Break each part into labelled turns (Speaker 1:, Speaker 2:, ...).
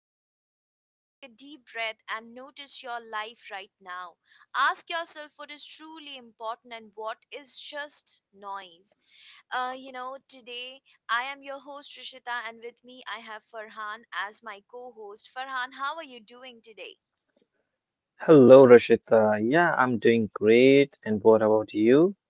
Speaker 1: Before we begin, take a deep breath and notice your life right now. Ask yourself what is truly important and what is just noise. Today I am your host, Rishita, and with me I have Farhan as my co host. Farhan, how are you doing today?
Speaker 2: Hello, Rashita. Yeah, I'm doing great. And what about you?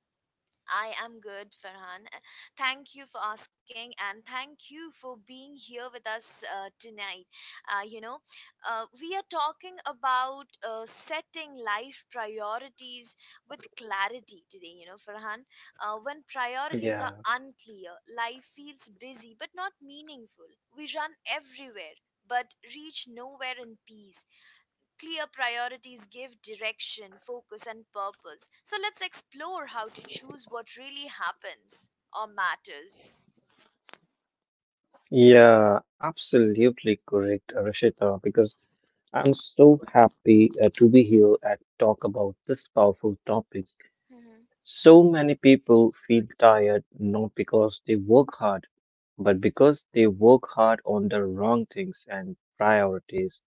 Speaker 1: I am good, Farhan. Thank you for asking, and thank you for being here with us tonight. Uh, you know, we are talking about setting life priorities with clarity today. You know, Farhan, when priorities are
Speaker 2: Yeah.
Speaker 1: unclear, life feels busy but not meaningful. We run everywhere but reach nowhere in peace. Clear priorities give direction, focus, and purpose. So let's explore how to choose what really happens or matters.
Speaker 2: Yeah, absolutely correct, Rashita, because I'm so happy to be here and talk about this powerful topic. So many people feel tired not because they work hard, but because they work hard on the wrong things and priorities.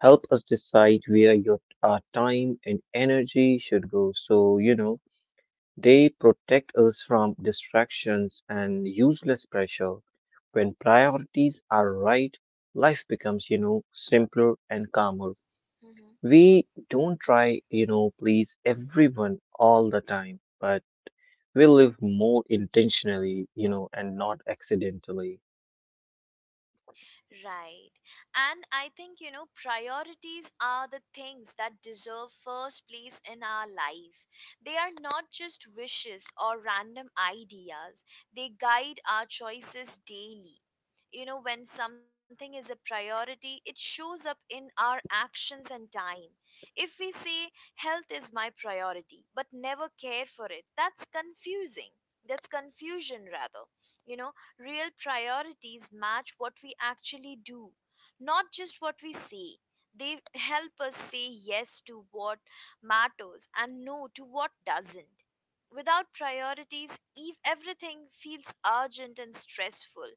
Speaker 2: Help us decide where your our time and energy should go. They protect us from distractions and useless pressure. When priorities are right, life becomes, simpler and calmer. We don't try, you know, please everyone all the time, but we live more intentionally, and not accidentally.
Speaker 1: Right. And I think, you know, priorities are the things that deserve first place in our life. They are not just wishes or random ideas, they guide our choices daily. You know, when something is a priority, it shows up in our actions and time. If we say, health is my priority, but never care for it, that's confusing. That's confusion, rather. You know, real priorities match what we actually do, not just what we say. They help us say yes to what matters and no to what doesn't. Without priorities, everything feels urgent and stressful.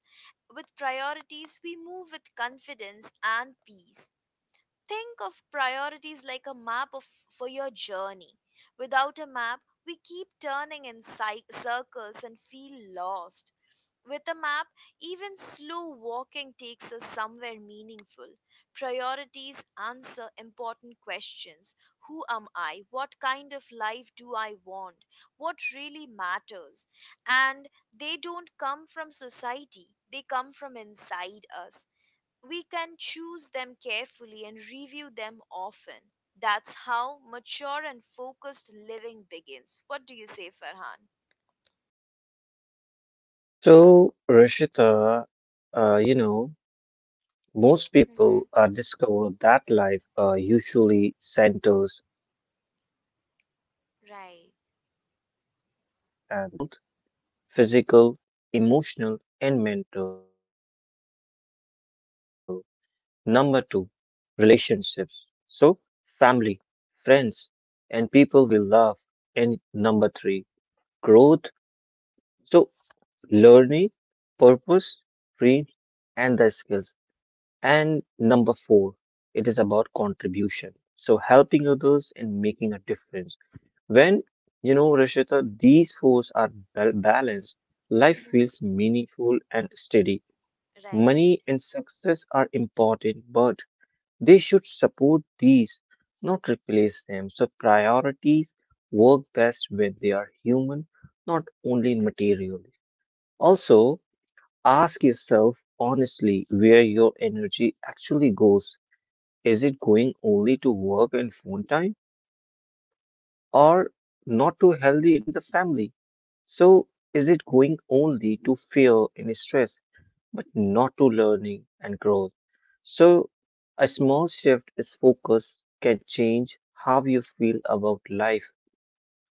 Speaker 1: With priorities, we move with confidence and peace. Think of priorities like for your journey. Without a map, we keep turning in circles and feel lost. With a map, even slow walking takes us somewhere meaningful. Priorities answer important questions. Who am I? What kind of life do I want? What really matters? And they don't come from society, they come from inside us. We can choose them carefully and review them often. That's how mature and focused living begins. What do you say, Farhan?
Speaker 2: So, Rishita, uh, you know, most people
Speaker 1: Hmm.
Speaker 2: discover that life usually centers and around the four main
Speaker 1: Right.
Speaker 2: areas. Number one, health, physical, emotional, and mental. Number two, relationships. So, family, friends, and people we love. And number three, growth. So, learning, purpose, dreams, and the skills. And number four, it is about contribution. So, helping others and making a difference. When, you know, Rishita, these fours are balanced, life
Speaker 1: Hmm.
Speaker 2: feels meaningful and steady.
Speaker 1: Right.
Speaker 2: Money and success are important, but they should support these, not replace them. So priorities work best when they are human, not only material. Also, ask yourself honestly where your energy actually goes. Is it going only to work and phone time or not too healthy in the family? So, is it going only to fear and stress, but not to learning and growth? So, a small shift is focus can change how you feel about life.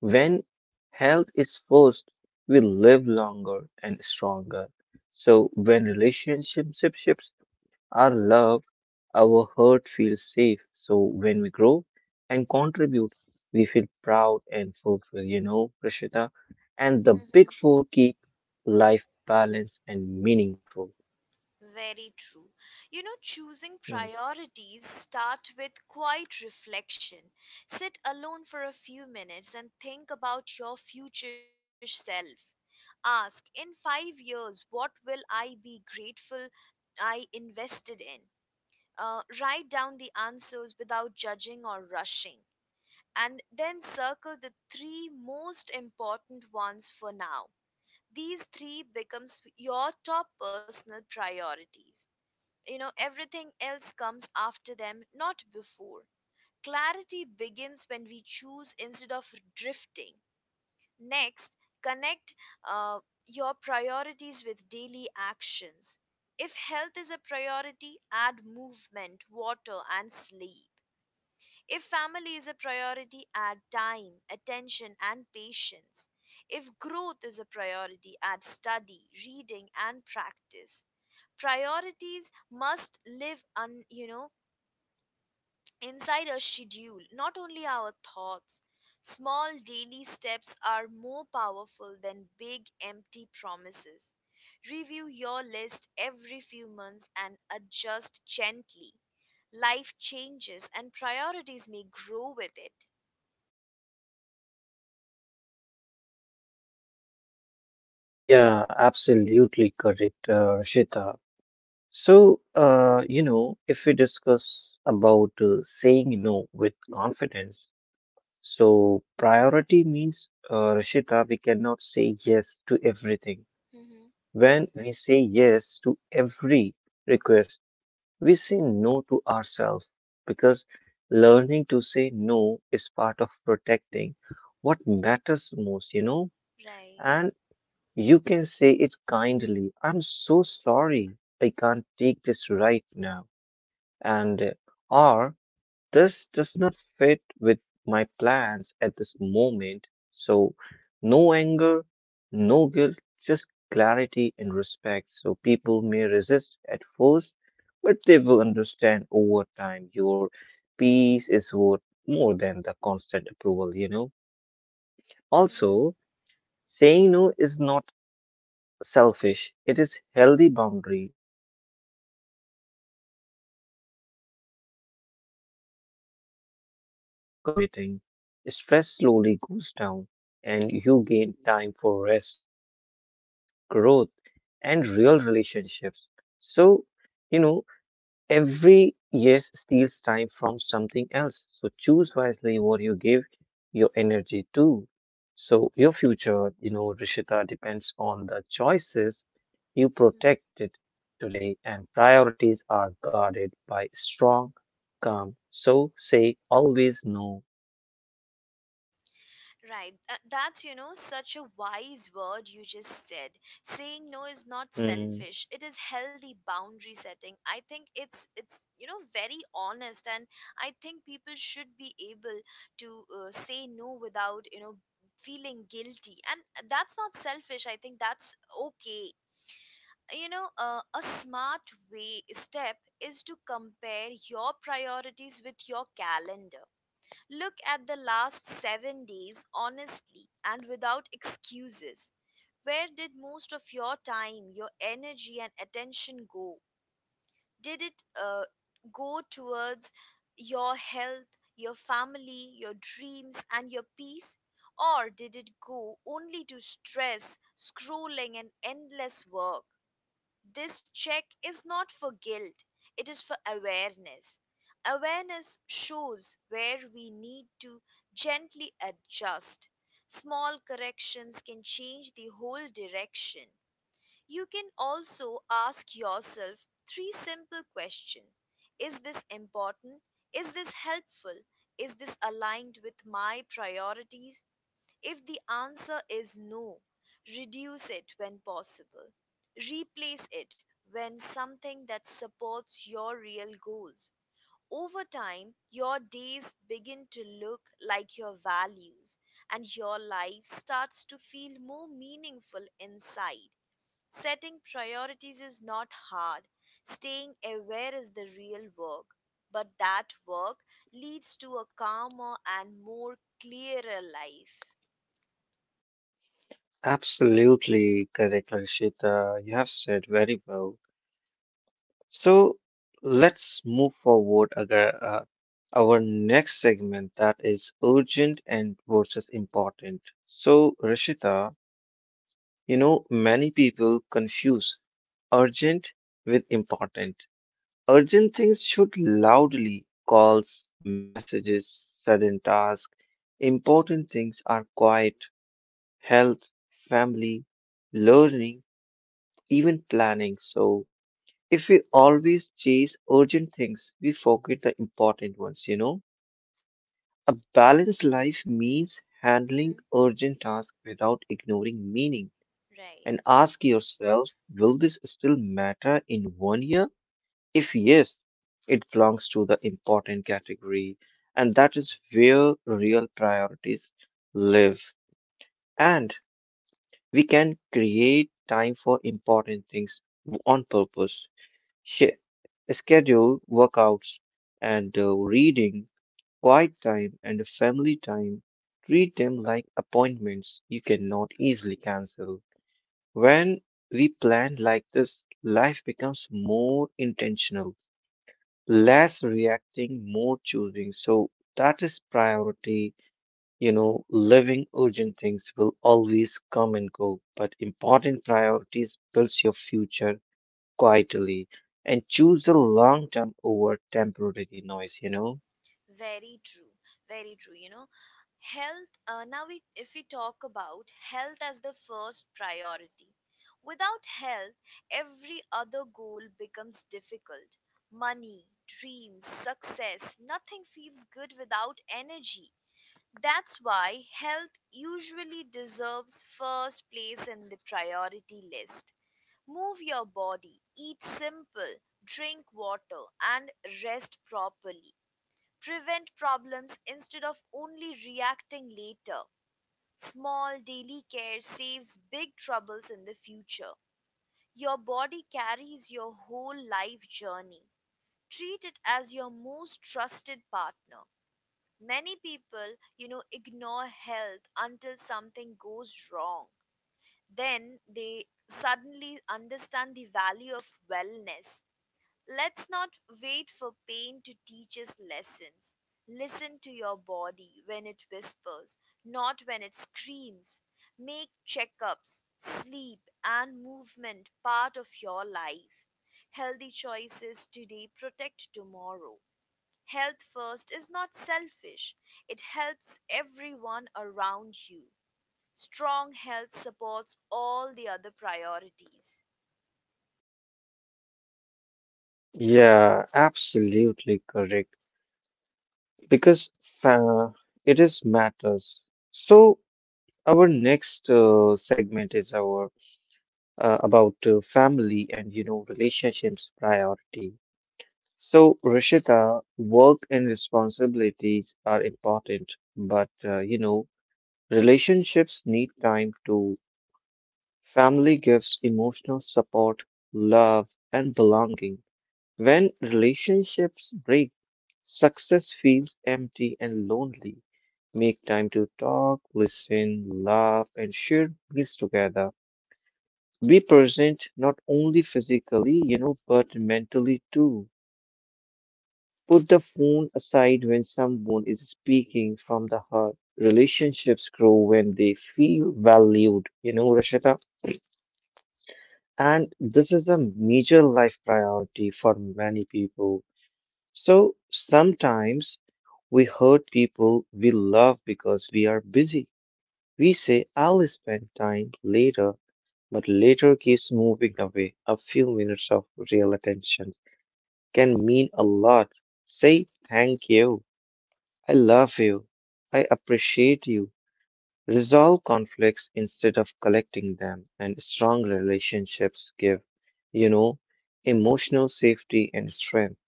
Speaker 2: When health is first, we live longer and stronger. So, when relationships shifts, our love, our hurt feels safe. So when we grow and contribute, we feel proud and fulfilled, you know, Rishita. And the big
Speaker 1: Mhm.
Speaker 2: four keep life balanced and meaningful.
Speaker 1: Very true. You know, choosing
Speaker 2: Hmm.
Speaker 1: priorities start with quiet reflection. Sit alone for a few minutes and think about your future self. Ask, in 5 years, what will I be grateful I invested in? Write down the answers without judging or rushing. And then circle the three most important ones for now. These three becomes your top personal priorities. You know, everything else comes after them, not before. Clarity begins when we choose instead of drifting. Next, connect uh, your priorities with daily actions. If health is a priority, add movement, water, and sleep. If family is a priority, add time, attention, and patience. If growth is a priority, add study, reading, and practice. Priorities must live un, you know inside a schedule, not only our thoughts. Small daily steps are more powerful than big empty promises. Review your list every few months and adjust gently. Life changes and priorities may grow with it.
Speaker 2: Yeah, absolutely correct, Rishita. So, if we discuss about saying no with confidence, so priority means, Rishita, we cannot say yes to everything.
Speaker 1: Hmm.
Speaker 2: When we say yes to every request, we say no to ourselves because learning to say no is part of protecting what matters most, you know?
Speaker 1: Right.
Speaker 2: And you can say it kindly, I'm so sorry, I can't take this right now. And or this does not fit with my plans at this moment. So, no anger, no guilt, just clarity and respect. So, people may resist at first, but they will understand over time. Your peace is worth more than the constant approval, you know.
Speaker 1: Hmm.
Speaker 2: Also, saying no is not selfish, it is healthy boundary setting. It gives space for your true priorities to breathe when you stop overcommitting, stress slowly goes down and you gain time for rest, growth, and real relationships. So, you know, every yes steals time from something else. So choose wisely what you give your energy to. So your future, you know, Rishita, depends on the choices you protected today, and priorities are guarded by strong, calm. So say always no.
Speaker 1: Right. That's, you know, such a wise word you just said. Saying no is not
Speaker 2: Mm,
Speaker 1: selfish. It is healthy boundary setting. I think it's, you know, very honest. And I think people should be able to say no without, you know, feeling guilty. And that's not selfish. I think that's okay. You know, a smart way step is to compare your priorities with your calendar. Look at the last 7 days honestly and without excuses. Where did most of your time, your energy, and attention go? Did it go towards your health, your family, your dreams, and your peace? Or did it go only to stress, scrolling, and endless work? This check is not for guilt, it is for awareness. Awareness shows where we need to gently adjust. Small corrections can change the whole direction. You can also ask yourself three simple questions. Is this important? Is this helpful? Is this aligned with my priorities? If the answer is no, reduce it when possible. Replace it when something that supports your real goals. Over time, your days begin to look like your values and your life starts to feel more meaningful inside. Setting priorities is not hard. Staying aware is the real work. But that work leads to a calmer and more clearer life.
Speaker 2: absolutely correct, Rishita. You have said very well. So let's move forward our next segment that is urgent and versus important. So Rishita, you know, many people confuse urgent with important. Urgent things should loudly calls, messages, sudden tasks. Important things are quiet, health, family, learning, even planning. So if we always chase urgent things, we forget the important ones, you know. A balanced life means handling urgent tasks without ignoring meaning, and
Speaker 1: Right.
Speaker 2: ask yourself, will this still matter in 1 year? If yes, it belongs to the important category, and that is where real priorities live. And we can create time for important things on purpose. sh- Schedule workouts and reading, quiet time, and family time. Treat them like appointments you cannot easily cancel. When we plan like this, life becomes more intentional, less reacting, more choosing. So that is priority. You know, living urgent things will always come and go, but important priorities builds your future quietly and choose the long term over temporary noise, you know?
Speaker 1: Very true. Very true. You know, health, if we talk about health as the first priority, without health, every other goal becomes difficult. Money, dreams, success, nothing feels good without energy. That's why health usually deserves first place in the priority list. Move your body, eat simple, drink water, and rest properly. Prevent problems instead of only reacting later. Small daily care saves big troubles in the future. Your body carries your whole life journey. Treat it as your most trusted partner. Many people, you know, ignore health until something goes wrong. Then they suddenly understand the value of wellness. Let's not wait for pain to teach us lessons. Listen to your body when it whispers, not when it screams. Make checkups, sleep, and movement part of your life. Healthy choices today protect tomorrow. Health first is not selfish, it helps everyone around you. Strong health supports all the other priorities.
Speaker 2: Yeah, absolutely correct. Because uh, it is matters. So our next segment is our about family and you know relationships priority. So Rishita, work and responsibilities are important, but you know, relationships need time to. Family gives emotional support, love, and belonging. When relationships break, success feels empty and lonely. Make time to talk, listen, laugh, and share meals together. Be present not only physically, you know, but mentally too. Put the phone aside when someone is speaking from the heart. Relationships grow when they feel valued, you know, Rashida. And this is a major life priority for many people. So sometimes we hurt people we love because we are busy. We say, I'll spend time later, but later keeps moving away. A few minutes of real attention can mean a lot. Say, thank you. I love you. I appreciate you. Resolve conflicts instead of collecting them, and strong relationships give, you know, emotional safety and strength,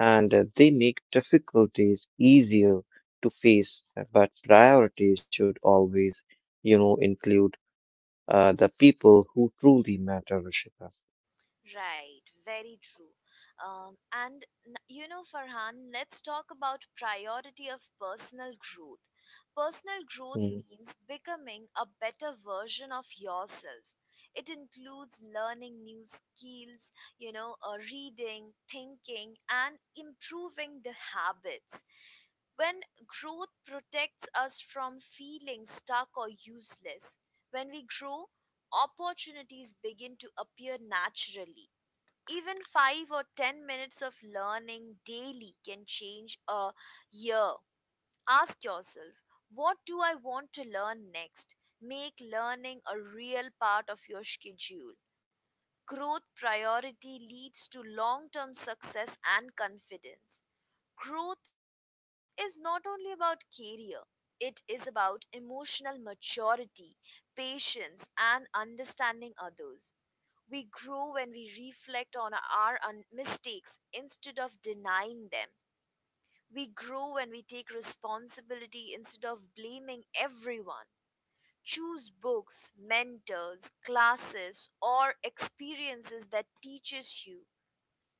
Speaker 2: and they make difficulties easier to face. But priorities should always, you know, include the people who truly matter, Rishita.
Speaker 1: Right, very true. You know, Farhan, let's talk about priority of personal growth. Personal growth
Speaker 2: Mm.
Speaker 1: means becoming a better version of yourself. It includes learning new skills, you know, reading, thinking, and improving the habits. When growth protects us from feeling stuck or useless, when we grow, opportunities begin to appear naturally. Even 5 or 10 minutes of learning daily can change a year. Ask yourself, what do I want to learn next? Make learning a real part of your schedule. Growth priority leads to long term success and confidence. Growth is not only about career, it is about emotional maturity, patience, and understanding others. We grow when we reflect on our mistakes instead of denying them. We grow when we take responsibility instead of blaming everyone. Choose books, mentors, classes, or experiences that teaches you.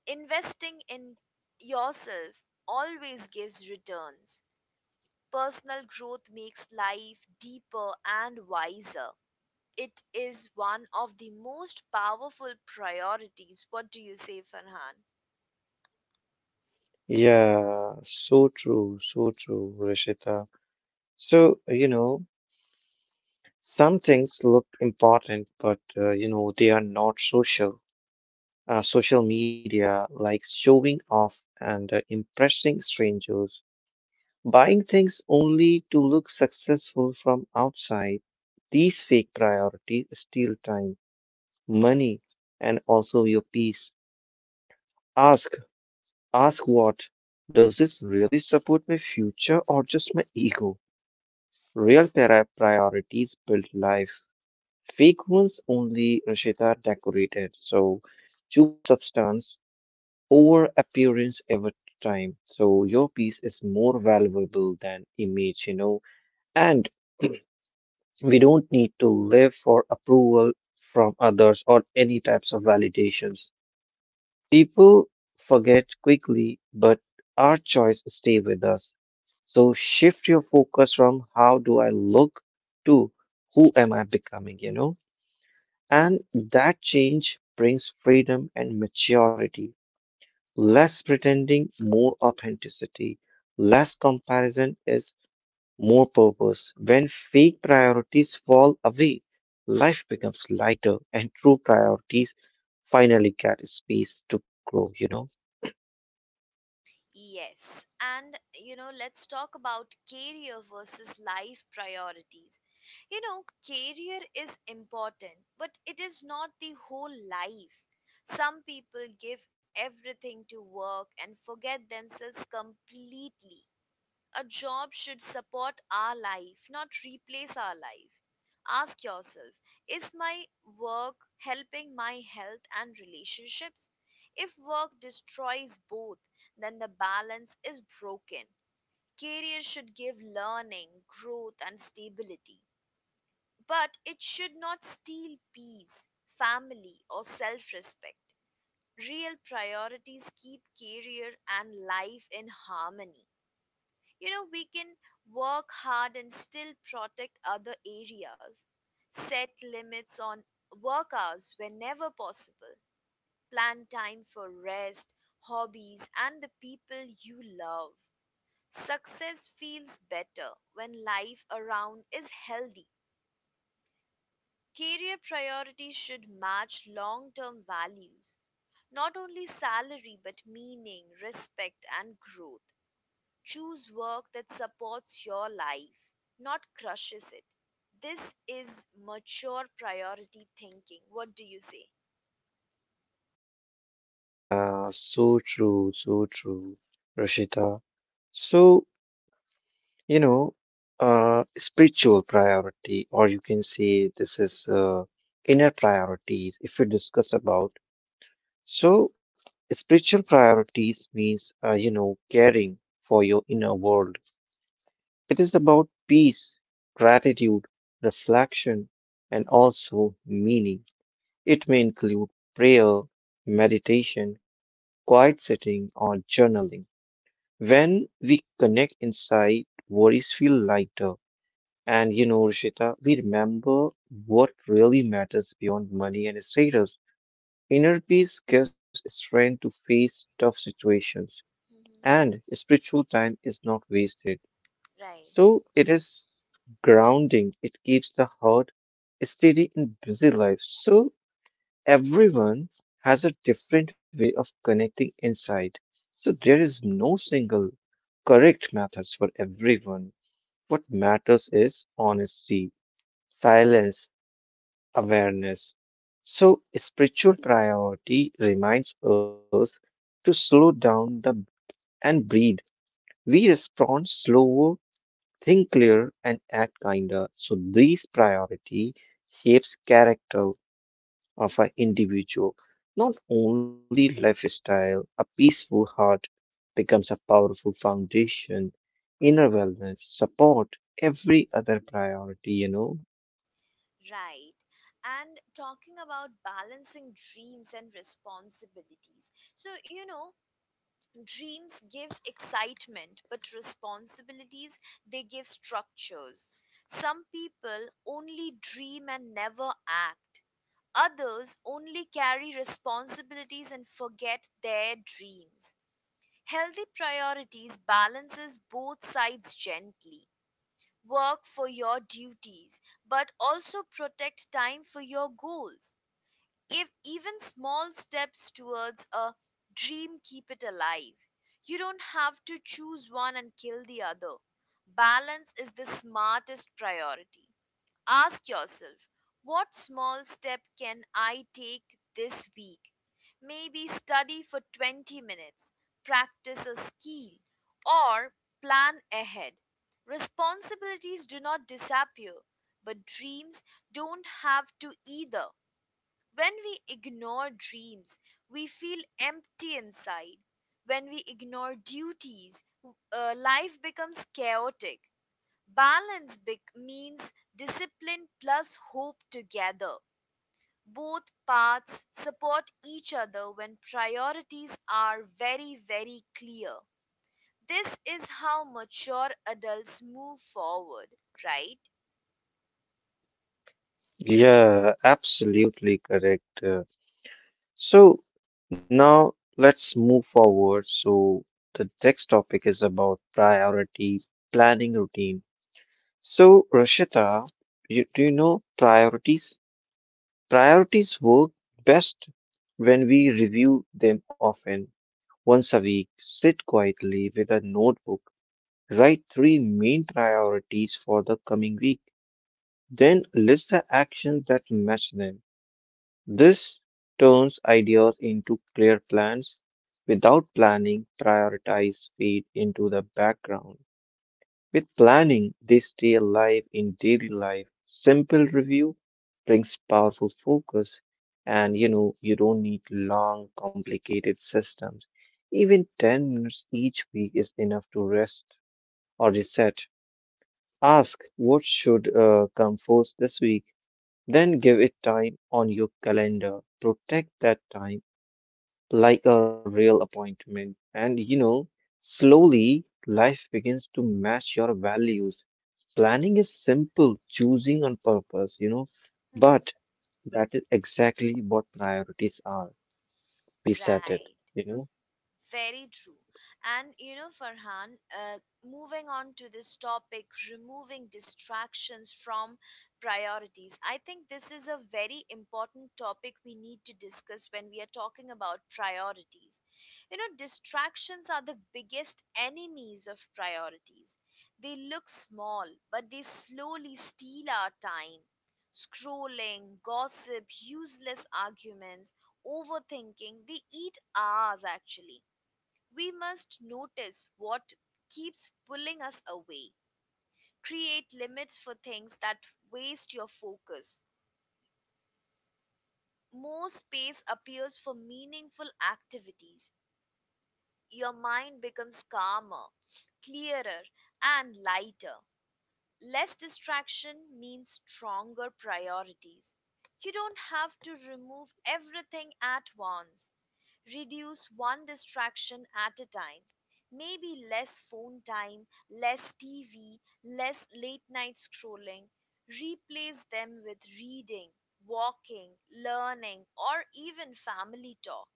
Speaker 1: Investing in yourself always gives returns. Personal growth makes life deeper and wiser. It is one of the most powerful priorities. What do you say, Farhan?
Speaker 2: Yeah, so true, Rishita. So, you know, some things look important, but, they are not social. Social media likes showing off and impressing strangers, buying things only to look successful from outside. These fake priorities steal time, money, and also your peace. Ask, ask what? Does this really support my future or just my ego? Real priorities build life. Fake ones only Rashida decorated. So choose substance over appearance over time. So your piece is more valuable than image, you know, and we don't need to live for approval from others or any types of validations. People forget quickly, but our choice stay with us. So shift your focus from how do I look to who am I becoming, you know? And that change brings freedom and maturity. Less pretending, more authenticity. Less comparison is more purpose. When fake priorities fall away, life becomes lighter and true priorities finally get space to grow, you know?
Speaker 1: Yes. And, you know, let's talk about career versus life priorities. You know, career is important, but it is not the whole life. Some people give everything to work and forget themselves completely. A job should support our life, not replace our life. Ask yourself, is my work helping my health and relationships? If work destroys both, then the balance is broken. Career should give learning, growth, and stability, but it should not steal peace, family, or self respect. Real priorities keep career and life in harmony. You know, we can work hard and still protect other areas. Set limits on work hours whenever possible. Plan time for rest, hobbies, and the people you love. Success feels better when life around is healthy. Career priorities should match long-term values, not only salary but meaning, respect, and growth. Choose work that supports your life, not crushes it. This is mature priority thinking. What do you say?
Speaker 2: Yeah, so true, Rashita. So, you know, spiritual priority, or you can say this is inner priorities, if we discuss about. So, spiritual priorities means, caring for your inner world. It is about peace, gratitude, reflection, and also meaning. It may include prayer, meditation, quiet sitting, or journaling. When we connect inside, worries feel lighter. And you know, Rishita, we remember what really matters beyond money and status. Inner peace gives strength to face tough situations,
Speaker 1: Hmm.
Speaker 2: and spiritual time is not wasted.
Speaker 1: Right.
Speaker 2: So it is grounding, it keeps the heart steady in busy life. So everyone has a different way of connecting inside. So there is no single correct methods for everyone. What matters is honesty, silence, awareness. So, spiritual priority reminds us to slow down the, and breathe. We respond slower, think clearer, and act kinder. So, these priority shapes character of an individual, not only lifestyle. A peaceful heart becomes a powerful foundation. Inner wellness support every other priority, you know.
Speaker 1: Right. And talking about balancing dreams and responsibilities. So, you know, dreams gives excitement, but responsibilities, they give structures. Some people only dream and never act. Others only carry responsibilities and forget their dreams. Healthy priorities balances both sides gently. Work for your duties, but also protect time for your goals. If even small steps towards a dream keep it alive. You don't have to choose one and kill the other. Balance is the smartest priority. Ask yourself, what small step can I take this week? Maybe study for 20 minutes, practice a skill, or plan ahead. Responsibilities do not disappear, but dreams don't have to either. When we ignore dreams, we feel empty inside. When we ignore duties, life becomes chaotic. Balance bec means discipline plus hope together. Both paths support each other when priorities are very, very clear. This is how mature adults move forward, right?
Speaker 2: Yeah, absolutely correct. So now let's move forward. So the next topic is about priority planning routine. So Rashita, do you know priorities? Priorities work best when we review them often. Once a week, sit quietly with a notebook, write three main priorities for the coming week, then list the actions that match them. This turns ideas into clear plans. Without planning, priorities fade into the background. With planning, they stay alive in daily life. Simple review brings powerful focus, and you know, you don't need long, complicated systems. Even 10 minutes each week is enough to rest or reset. Ask what should come first this week, then give it time on your calendar. Protect that time like a real appointment. And you know, slowly life begins to match your values. Planning is simple, choosing on purpose, you know,
Speaker 1: Mhm.
Speaker 2: but that is exactly what priorities are. We set it,
Speaker 1: Right.
Speaker 2: you know.
Speaker 1: Very true. And you know, Farhan, moving on to this topic, removing distractions from priorities. I think this is a very important topic we need to discuss when we are talking about priorities. You know, distractions are the biggest enemies of priorities. They look small, but they slowly steal our time. Scrolling, gossip, useless arguments, overthinking, they eat hours. Actually, we must notice what keeps pulling us away. Create limits for things that waste your focus. More space appears for meaningful activities. Your mind becomes calmer, clearer, and lighter. Less distraction means stronger priorities. You don't have to remove everything at once. Reduce one distraction at a time. Maybe less phone time, less TV, less late night scrolling. Replace them with reading, walking, learning, or even family talk.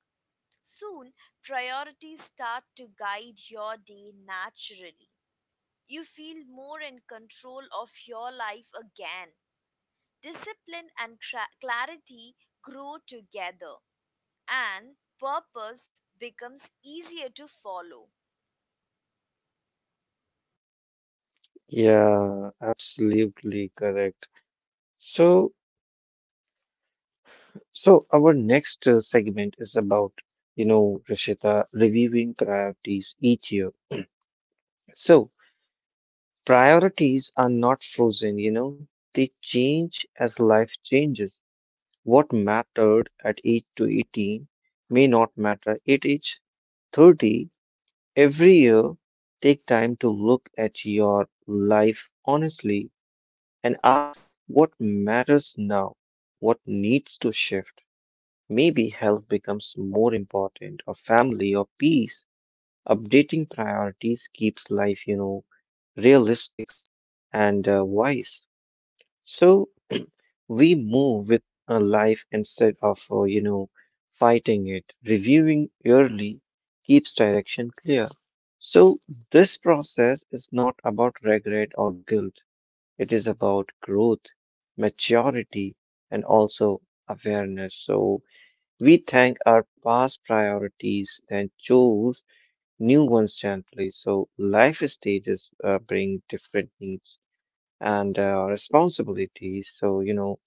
Speaker 1: Soon, priorities start to guide your day naturally. You feel more in control of your life again. Discipline and clarity grow together. And purpose becomes easier to follow.
Speaker 2: Yeah, absolutely correct. So, So our next segment is about, you know, Rishita, reviewing priorities each year. So priorities are not frozen, you know, they change as life changes. What mattered at 8 to 18 may not matter at age 30. Every year, take time to look at your life honestly and ask what matters now, what needs to shift. Maybe health becomes more important, or family, or peace. Updating priorities keeps life, you know, realistic and wise. So we move with a life instead of, fighting it. Reviewing early keeps direction clear. So this process is not about regret or guilt. It is about growth, maturity, and also awareness. So we thank our past priorities and choose new ones gently. So life stages bring different needs and responsibilities. So, you know,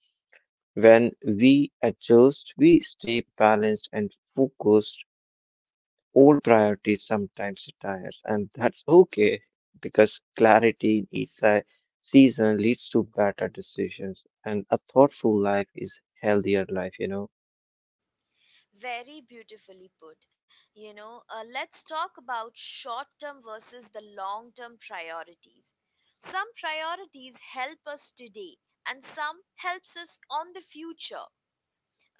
Speaker 2: when we adjust, we stay balanced and focused. Old priorities sometimes retires, and that's okay because clarity in each season leads to better decisions, and a thoughtful life is healthier life.
Speaker 1: Very beautifully put. Let's talk about short term versus the long term priorities. Some priorities help us today and some helps us on the future.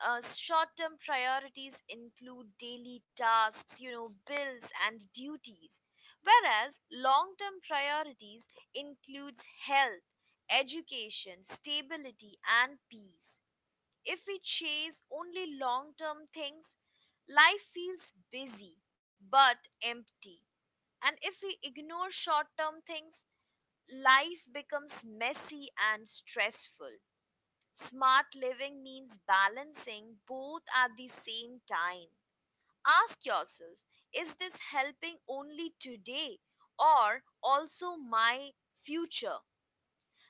Speaker 1: Short term priorities include daily tasks, you know, bills and duties, whereas long term priorities includes health, education, stability and peace. If we chase only long term things, life feels busy but empty. And if we ignore short term things, life becomes messy and stressful. Smart living means balancing both at the same time. Ask yourself, is this helping only today or also my future?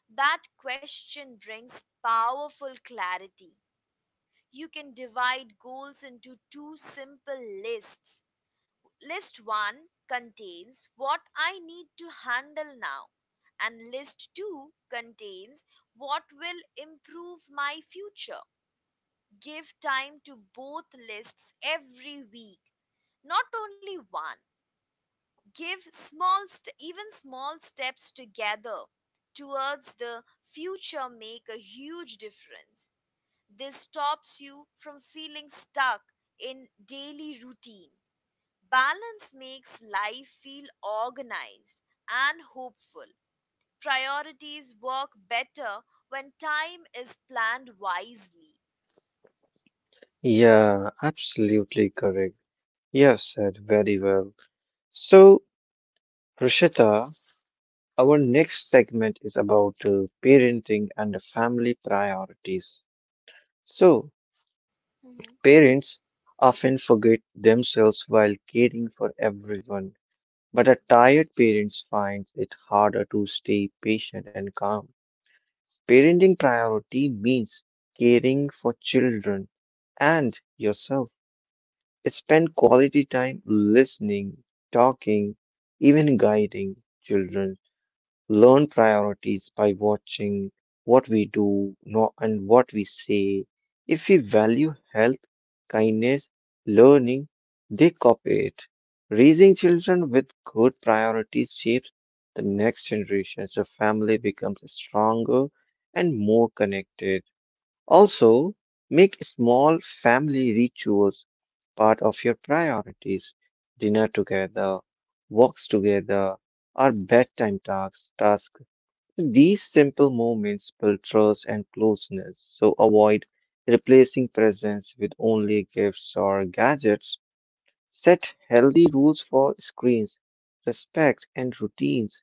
Speaker 1: That question brings powerful clarity. You can divide goals into two simple lists. List 1 contains what I need to handle now, and list 2 contains what will improve my future. Give time to both lists every week, not only one. Give even small steps together towards the future make a huge difference. This stops you from feeling stuck in daily routine. Balance makes life feel organized and hopeful. Priorities work better when time is planned wisely.
Speaker 2: Yeah, absolutely correct. Yes, said very well. So, Rishita, our next segment is about parenting and family priorities. So,
Speaker 1: Mhm.
Speaker 2: parents often forget themselves while caring for everyone, but a tired parent finds it harder to stay patient and calm. Parenting priority means caring for children and yourself. Spend quality time listening, talking, even guiding children learn priorities by watching what we do no, and what we say. If we value health, kindness, learning, they copy it. Raising children with good priorities shapes the next generation. The family becomes stronger and more connected. Also, make small family rituals part of your priorities. Dinner together, walks together, or bedtime tasks, task. These simple moments build trust and closeness, so avoid replacing presents with only gifts or gadgets. Set healthy rules for screens, respect and routines,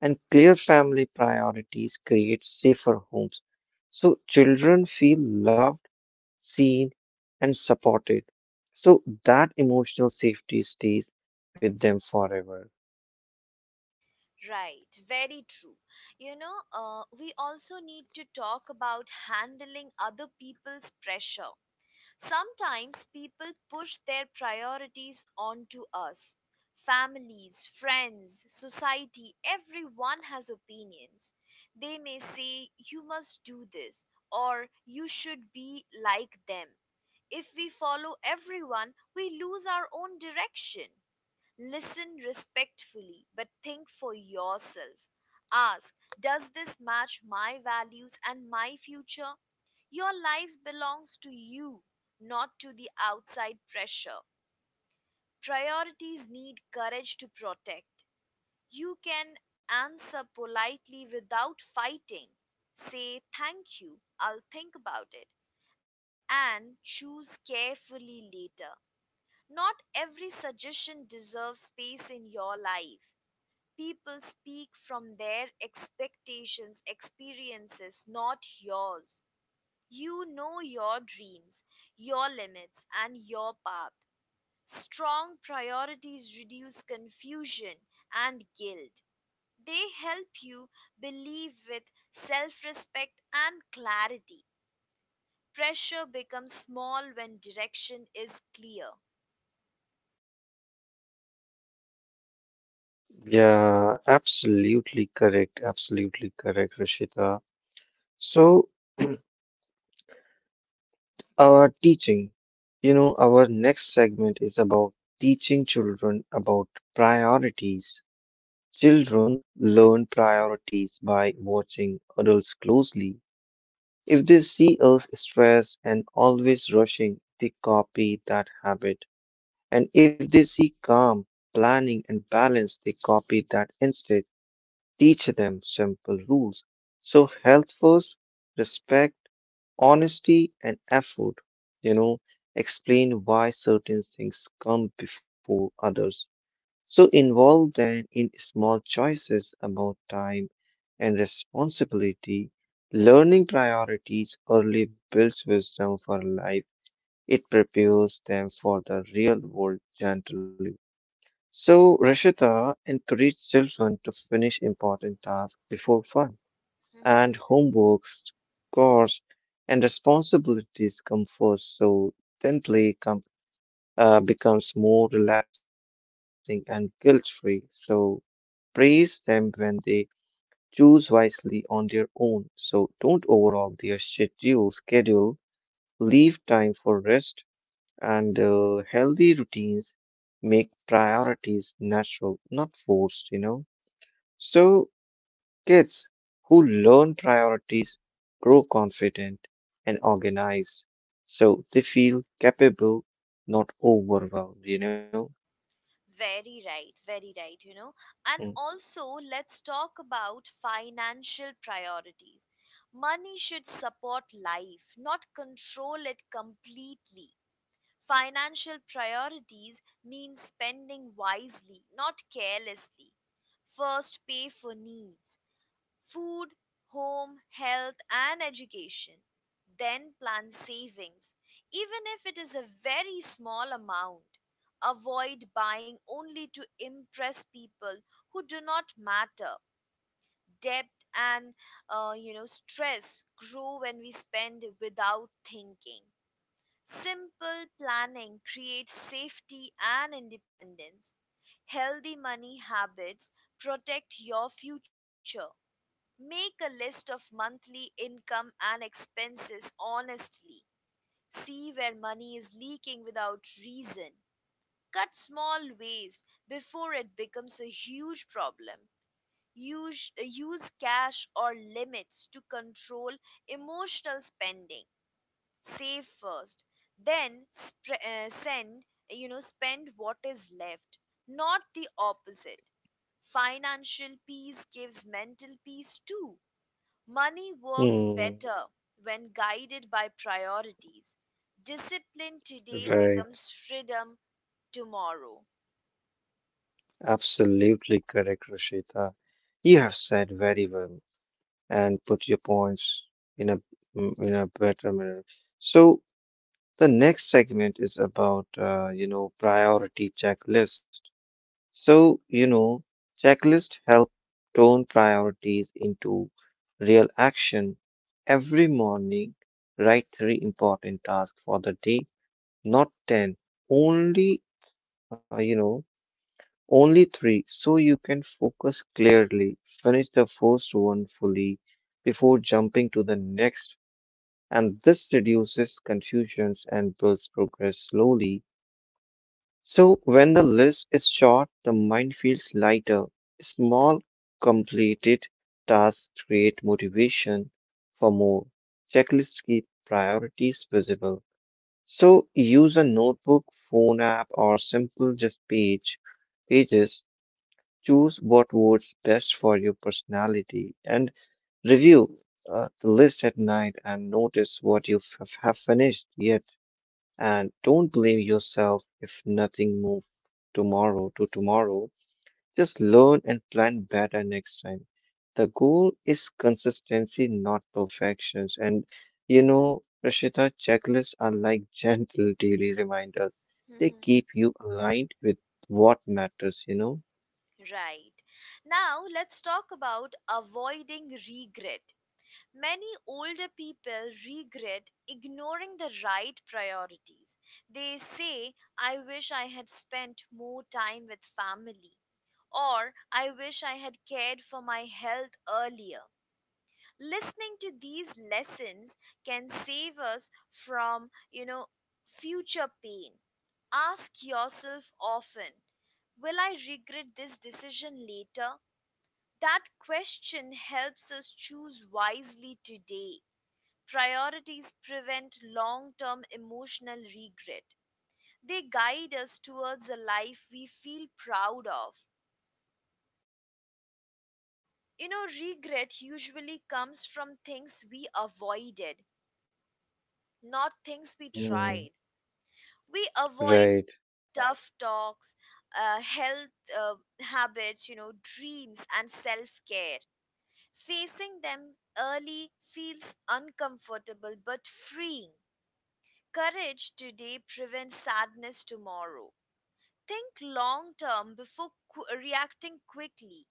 Speaker 2: and clear family priorities create safer homes. So children feel loved, seen, and supported. So that emotional safety stays with them forever.
Speaker 1: Right, very true. We also need to talk about handling other people's pressure. Sometimes people push their priorities onto us. Families, friends, society, everyone has opinions. They may say, you must do this, or you should be like them. If we follow everyone, we lose our own direction. Listen respectfully, but think for yourself. Ask, does this match my values and my future? Your life belongs to you, not to the outside pressure. Priorities need courage to protect. You can answer politely without fighting. Say thank you, I'll think about it, and choose carefully later. Not every suggestion deserves space in your life. People speak from their expectations, experiences, not yours. You know your dreams, your limits, and your path. Strong priorities reduce confusion and guilt. They help you believe with self respect and clarity. Pressure becomes small when direction is clear.
Speaker 2: Yeah, absolutely correct. Absolutely correct, Rashita. So, our teaching, our next segment is about teaching children about priorities. Children learn priorities by watching adults closely. If they see us stressed and always rushing, they copy that habit. And if they see calm, planning, and balance, they copy that instead. Teach them simple rules. So, health first, respect honesty and effort, you know, explain why certain things come before others. So involve them in small choices about time and responsibility. Learning priorities early builds wisdom for life. It prepares them for the real world gently. So Rashita encouraged children to finish important tasks before
Speaker 1: Mhm.
Speaker 2: and homeworks, chores, and responsibilities come first. So tenthly becomes more relaxing and guilt-free. So praise them when they choose wisely on their own. So don't overhaul their schedule. Schedule leave time for rest and healthy routines. Make priorities natural, not forced. So kids who learn priorities grow confident and organized, so they feel capable, not overwhelmed?
Speaker 1: Very right, very right, you know. And also, let's talk about financial priorities. Money should support life, not control it completely. Financial priorities mean spending wisely, not carelessly. First, pay for needs. Food, home, health, and education. Then plan savings, even if it is a very small amount. Avoid buying only to impress people who do not matter. Debt and you know, stress grow when we spend without thinking. Simple planning creates safety and independence. Healthy money habits protect your future. Make a list of monthly income and expenses honestly. See where money is leaking without reason. Cut small waste before it becomes a huge problem. Use cash or limits to control emotional spending. Save first, then send, you know, spend what is left, not the opposite. Financial peace gives mental peace too. Money works
Speaker 2: Mm.
Speaker 1: better when guided by priorities. Discipline today
Speaker 2: Hmm, right.
Speaker 1: becomes freedom tomorrow.
Speaker 2: Absolutely correct, Rashita. You have said very well and put your points in a in a better manner. So the next segment is about priority checklist. So, checklists help turn priorities into real action. Every morning, write three important tasks for the day, not 10, only, uh, you know, only three, so you can focus clearly. Finish the first one fully before jumping to the next, and this reduces confusions and builds progress slowly. So when the list is short, the mind feels lighter. Small completed tasks create motivation for more. Checklists keep priorities visible. So use a notebook, phone app, or simple just page pages. Choose what works best for your personality and review the list at night and notice what you have finished yet. And don't blame yourself if nothing moves tomorrow to tomorrow. Just learn and plan better next time. The goal is consistency, not perfections. And Rashita, checklists are like gentle daily reminders. They
Speaker 1: Mhm.
Speaker 2: keep you aligned with what matters?
Speaker 1: Right. Now, let's talk about avoiding regret. Many older people regret ignoring the right priorities. They say, I wish I had spent more time with family, or I wish I had cared for my health earlier. Listening to these lessons can save us from, you know, future pain. Ask yourself often, will I regret this decision later? That question helps us choose wisely today. Priorities prevent long-term emotional regret. They guide us towards a life we feel proud of. You know, regret usually comes from things we avoided, not things we tried.
Speaker 2: Mm,
Speaker 1: We avoid
Speaker 2: right.
Speaker 1: tough talks, health uh, habits, you know, dreams, and self care. Facing them early feels uncomfortable but freeing. Courage today prevents sadness tomorrow. Think long term before reacting quickly.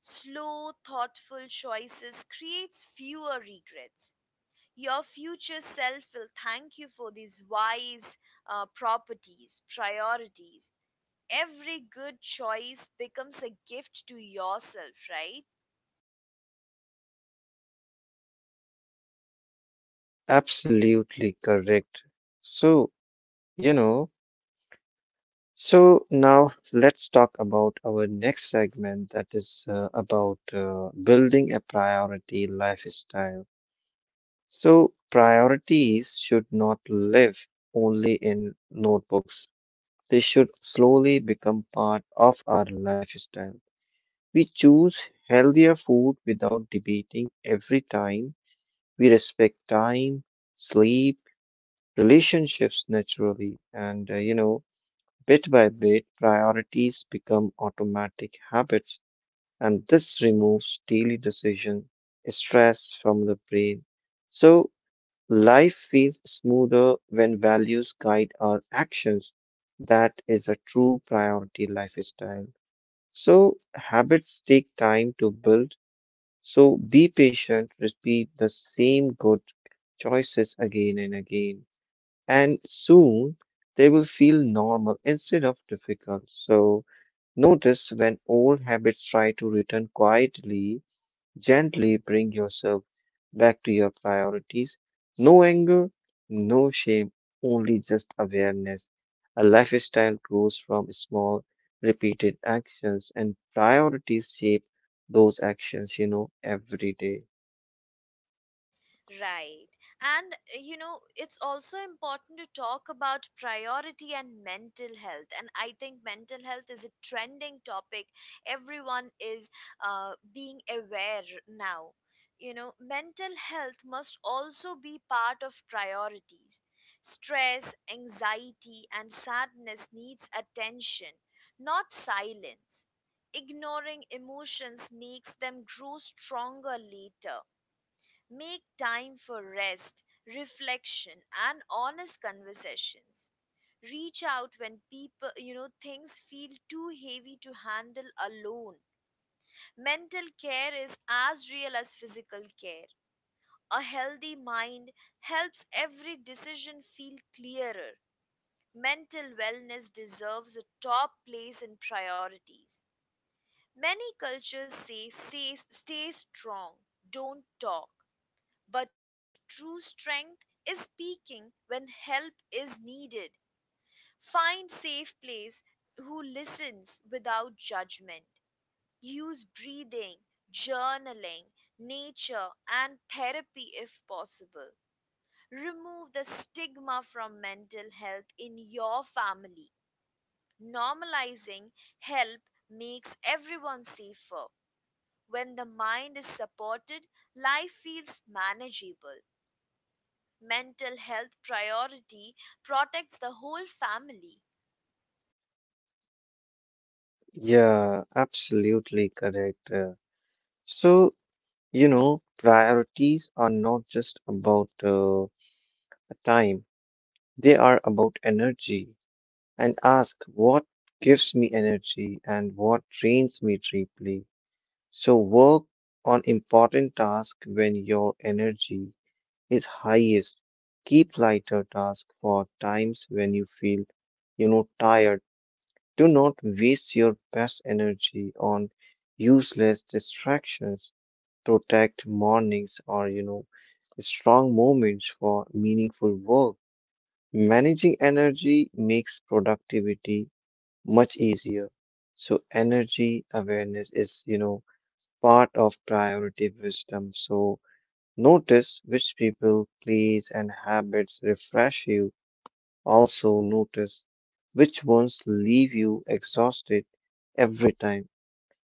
Speaker 1: Slow, thoughtful choices creates fewer regrets. Your future self will thank you for these wise priorities. Every good choice becomes a gift to yourself, right?
Speaker 2: Absolutely correct. So, you know, So now let's talk about our next segment that is about building a priority lifestyle. So priorities should not live only in notebooks. They should slowly become part of our lifestyle. We choose healthier food without debating every time. We respect time, sleep, relationships naturally, and bit by bit, priorities become automatic habits, and this removes daily decision stress from the brain. So, life feels smoother when values guide our actions. That is a true priority lifestyle. So, habits take time to build. So, be patient, repeat the same good choices again and again. And soon, they will feel normal instead of difficult. So, notice when old habits try to return quietly, gently bring yourself back to your priorities. No anger, no shame, only just awareness. A lifestyle grows from small, repeated actions, and priorities shape those actions, every day.
Speaker 1: Right. And you know, it's also important to talk about priority and mental health. And I think mental health is a trending topic. Everyone is being aware now. You know, mental health must also be part of priorities. Stress, anxiety, and sadness needs attention, not silence. Ignoring emotions makes them grow stronger later. Make time for rest, reflection, and honest conversations. Reach out when people, you know, things feel too heavy to handle alone. Mental care is as real as physical care. A healthy mind helps every decision feel clearer. Mental wellness deserves a top place in priorities. Many cultures say, say stay strong, don't talk. But true strength is speaking when help is needed. Find safe place who listens without judgment. Use breathing, journaling, nature and therapy if possible. Remove the stigma from mental health in your family. Normalizing help makes everyone safer. When the mind is supported, life feels manageable. Mental health priority protects the whole family,
Speaker 2: Yeah, absolutely correct. So you know, priorities are not just about time, they are about energy. And ask what gives me energy and what drains me deeply. So work on important tasks when your energy is highest. Keep lighter tasks for times when you feel, tired. Do not waste your best energy on useless distractions protect mornings or strong moments for meaningful work. Managing energy makes productivity much easier. So energy awareness is, part of priority wisdom. So notice which people, place, and habits refresh you. Also notice which ones leave you exhausted every time.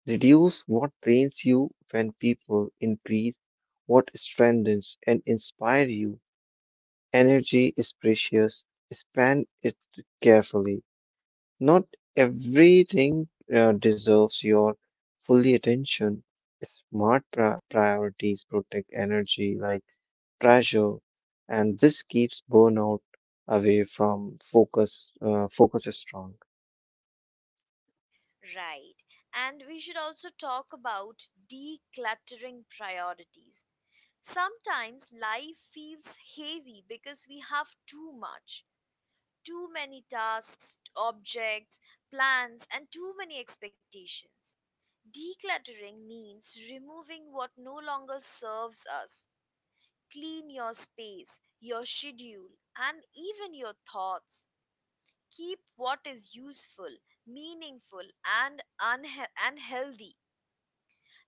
Speaker 2: Reduce what drains you when people increase what strengthens and inspire you. Energy is precious. Spend it carefully. Not everything deserves your fully attention. Smart priorities protect energy like pressure, and this keeps burnout away from focus. Focus strong.
Speaker 1: right? And we should also talk about decluttering priorities. Sometimes life feels heavy because we have too much, too many tasks, objects, plans, and too many expectations. Decluttering means removing what no longer serves us. Clean your space, your schedule, and even your thoughts. Keep what is useful, meaningful, and healthy.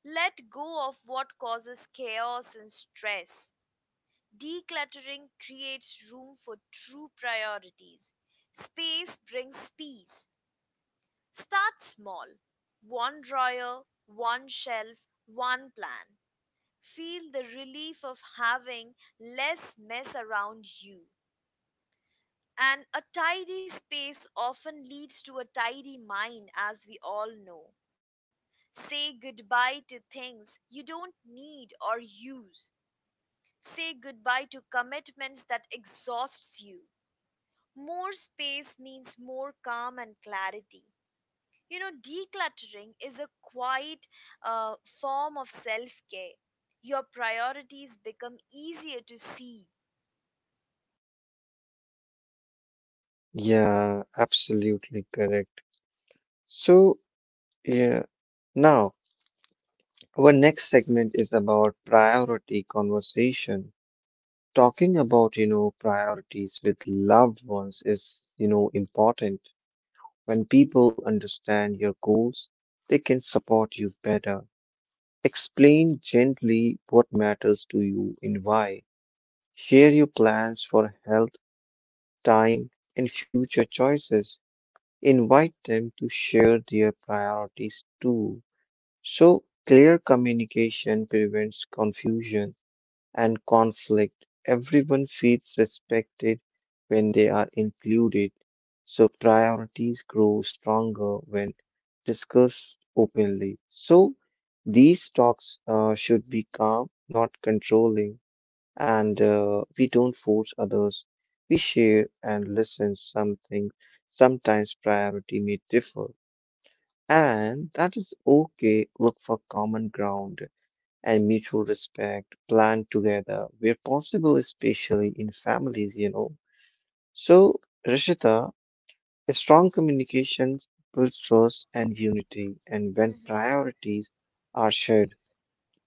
Speaker 1: Let go of what causes chaos and stress. Decluttering creates room for true priorities. Space brings peace. Start small. One drawer, one shelf, one plan. Feel the relief of having less mess around you. And a tidy space often leads to a tidy mind, as we all know. Say goodbye to things you don't need or use. Say goodbye to commitments that exhausts you. More space means more calm and clarity. You know, decluttering is a quiet form of self-care. Your priorities become easier to see.
Speaker 2: Yeah, absolutely correct. So, yeah, now our next segment is about priority conversation. Talking about, priorities with loved ones is, important. When people understand your goals, they can support you better. Explain gently what matters to you and why. Share your plans for health, time, and future choices. Invite them to share their priorities too. So, clear communication prevents confusion and conflict. Everyone feels respected when they are included. So, priorities grow stronger when discussed openly. So, these talks should be calm, not controlling and we don't force others. We share and listen something. Sometimes priority may differ, and that is okay. Look for common ground and mutual respect. Plan together where possible, especially in families. So, Rishita, a strong communication builds trust and unity, and when
Speaker 1: Mhm.
Speaker 2: priorities are shared,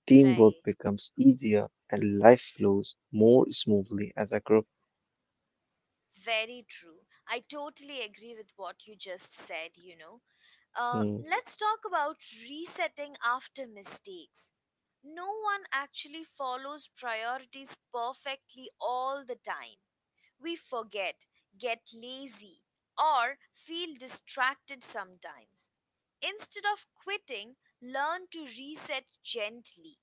Speaker 2: teamwork
Speaker 1: Right.
Speaker 2: becomes easier and life flows more smoothly as a group.
Speaker 1: Very true. I totally agree with what you just said, you know.
Speaker 2: Hmm.
Speaker 1: Let's talk about resetting after mistakes. No one actually follows priorities perfectly all the time. We forget, get lazy, or feel distracted sometimes. Instead of quitting, learn to reset gently.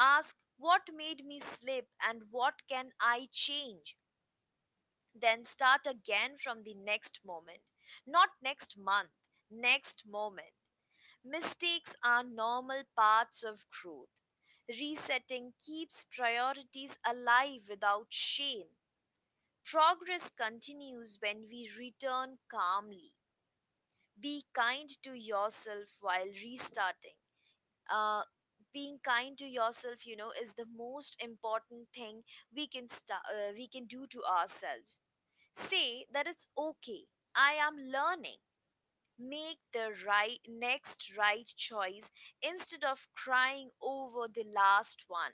Speaker 1: Ask what made me slip and what can I change? Then start again from the next moment. Not next month, next moment. Mistakes are normal parts of growth. Resetting keeps priorities alive without shame. Progress continues when we return calmly. Be kind to yourself while restarting. Uh, Being kind to yourself, you know, is the most important thing we can do to ourselves. Say that it's okay, I am learning. Make the right choice instead of crying over the last one.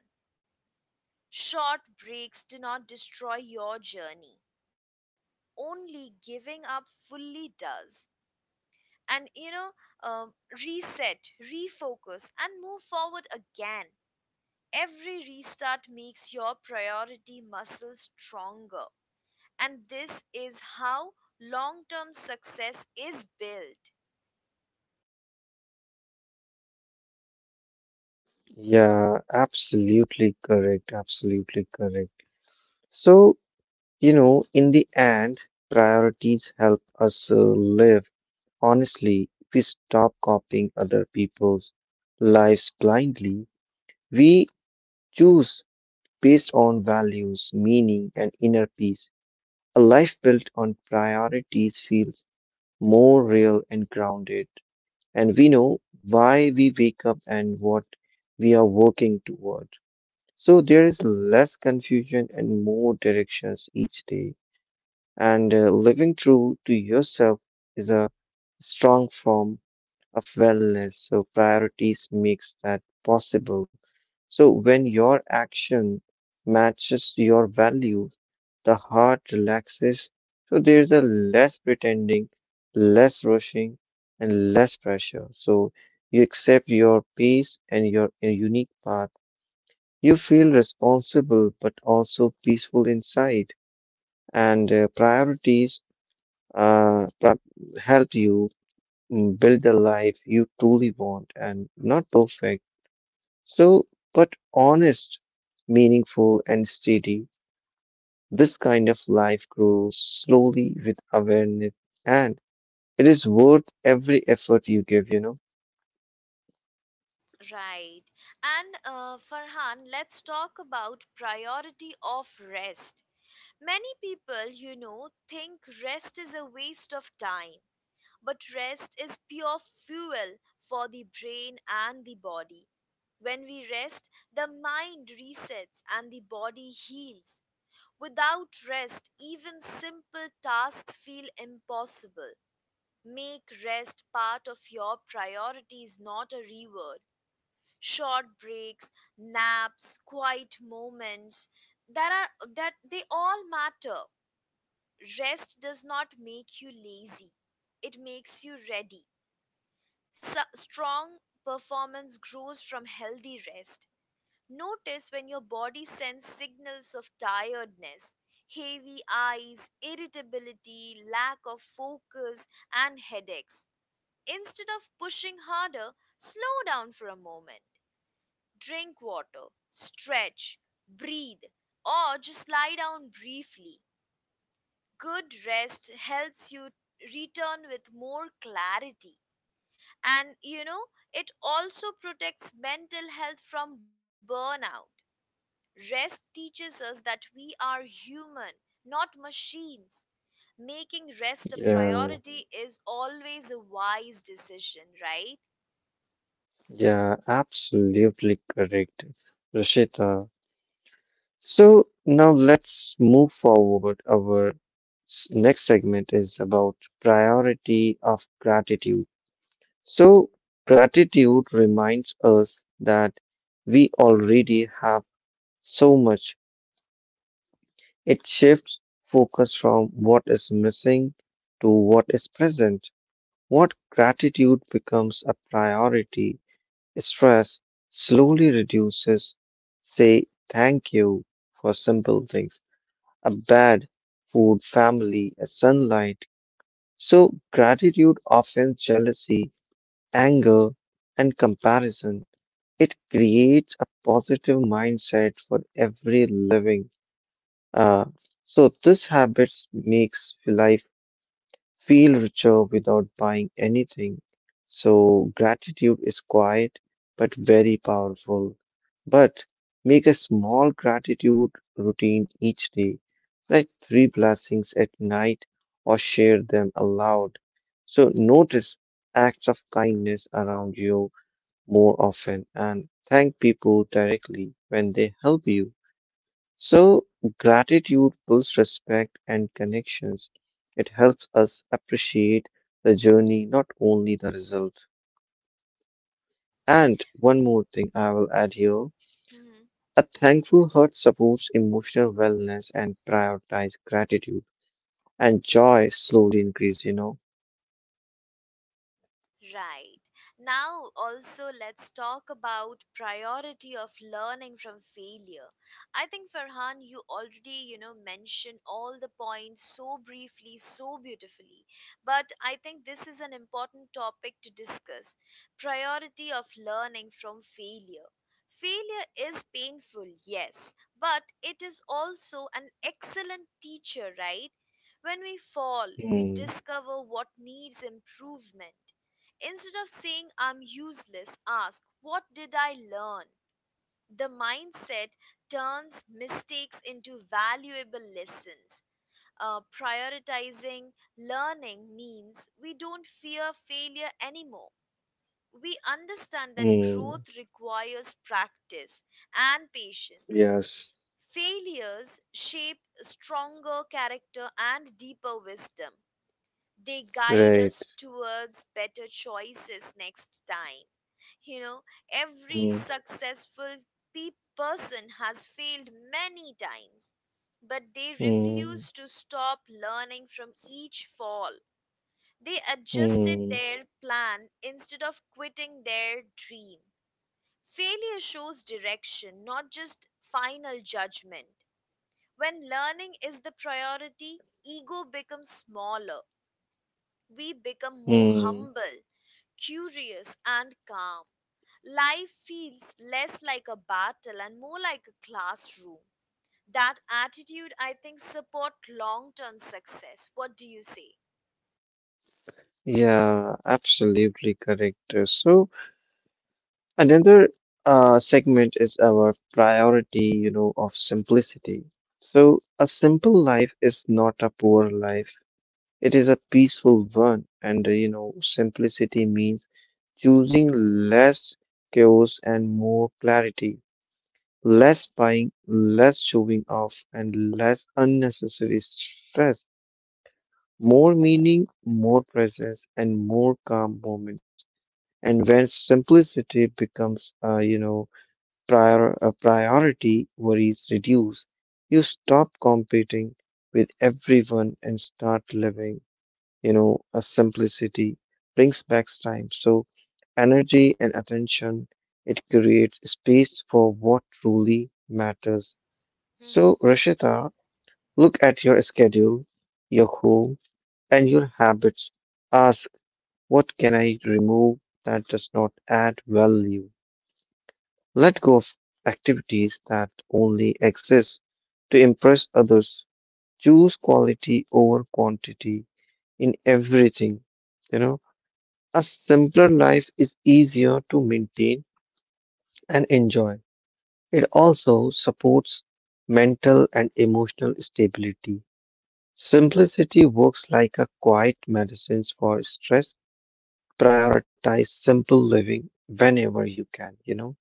Speaker 1: Short breaks do not destroy your journey. Only giving up fully does. And you know, um, reset, refocus, and move forward again. Every restart makes your priority muscle stronger. And this is how long-term success is built,
Speaker 2: Yeah, absolutely correct. Absolutely correct. So, in the end, priorities help us live honestly. If we stop copying other people's lives blindly, we choose based on values, meaning, and inner peace. A life built on priorities feels more real and grounded, and we know why we wake up and what we are working toward. So there is less confusion and more directions each day. And living true to yourself is a strong form of wellness. So priorities makes that possible. So when your action matches your value, the heart relaxes. So there's a less pretending, less rushing, and less pressure. So you accept your pace and your unique path. You feel responsible but also peaceful inside, and priorities uh, pra- help you build the life you truly want and not perfect. So, honest, meaningful, and steady, this kind of life grows slowly with awareness, and it is worth every effort you give,
Speaker 1: right? And Farhan, let's talk about priority of rest. Many people, you know, think rest is a waste of time, but rest is pure fuel for the brain and the body. When we rest, the mind resets and the body heals. Without rest, even simple tasks feel impossible. Make rest part of your priorities, not a reward. Short breaks, naps, quiet moments, that they all matter. Rest does not make you lazy. It makes you ready. Strong performance grows from healthy rest. Notice when your body sends signals of tiredness, heavy eyes, irritability, lack of focus and headaches. Instead of pushing harder, slow down for a moment, drink water, stretch, breathe, or just lie down briefly. Good rest helps you return with more clarity. And you know, it also protects mental health from burnout. Rest teaches us that we are human, not machines. Making rest a
Speaker 2: Yeah,
Speaker 1: priority is always a wise decision, right?
Speaker 2: yeah, absolutely correct, Rashita. So now let's move forward. Our next segment is about priority of gratitude. So gratitude reminds us that we already have so much. It shifts focus from what is missing to what is present. What gratitude becomes a priority, stress slowly reduces. Say thank you for simple things. A bad food, family, a sunlight. So gratitude, offends jealousy, anger, and comparison. It creates a positive mindset for every living. Uh, so this habits makes life feel richer without buying anything. So, gratitude is quiet but very powerful. But make a small gratitude routine each day, like three blessings at night, or share them aloud. So, notice acts of kindness around you more often and thank people directly when they help you. So, gratitude builds respect and connections. It helps us appreciate the journey, not only the result. And one more thing I will add here
Speaker 1: Mhm.
Speaker 2: a thankful heart supports emotional wellness and prioritize gratitude and joy slowly increase,
Speaker 1: Right. Now also let's talk about priority of learning from failure. I think Farhan, you already, you know, mentioned all the points so briefly, so beautifully, but I think this is an important topic to discuss. Priority of learning from failure. Failure is painful, yes, but it is also an excellent teacher, right? When we fall, we
Speaker 2: Mm,
Speaker 1: discover what needs improvement. Instead of saying I'm useless, ask what did I learn? The mindset turns mistakes into valuable lessons. Prioritizing learning means we don't fear failure anymore. We understand that
Speaker 2: mm,
Speaker 1: growth requires practice and patience.
Speaker 2: yes,
Speaker 1: Failures shape stronger character and deeper wisdom. They guide
Speaker 2: right.
Speaker 1: us towards better choices next time. You know, every
Speaker 2: Mm,
Speaker 1: successful pe- person has failed many times, but they
Speaker 2: mm,
Speaker 1: refused to stop learning from each fall. They adjusted
Speaker 2: mm,
Speaker 1: their plan instead of quitting their dream. Failure shows direction, not just final judgment. When learning is the priority, ego becomes smaller. We become more
Speaker 2: mm.
Speaker 1: humble, curious, and calm. Life feels less like a battle and more like a classroom. That attitude, I think, support long-term success. What do you say?
Speaker 2: Yeah, absolutely correct. So, another segment is our priority, of simplicity. So a simple life is not a poor life. It is a peaceful one. And, simplicity means choosing less chaos and more clarity, less buying, less showing off, and less unnecessary stress, more meaning, more presence, and more calm moments. And when simplicity becomes, priority worries reduce. You stop competing with everyone and start living, a simplicity brings back time. So energy and attention, it creates space for what truly matters. So Rashita, look at your schedule, your home, and your habits. Ask, what can I remove that does not add value? Let go of activities that only exist to impress others. Choose quality over quantity in everything. You know, a simpler life is easier to maintain and enjoy. It also supports mental and emotional stability. Simplicity works like a quiet medicine for stress. Prioritize simple living whenever you can,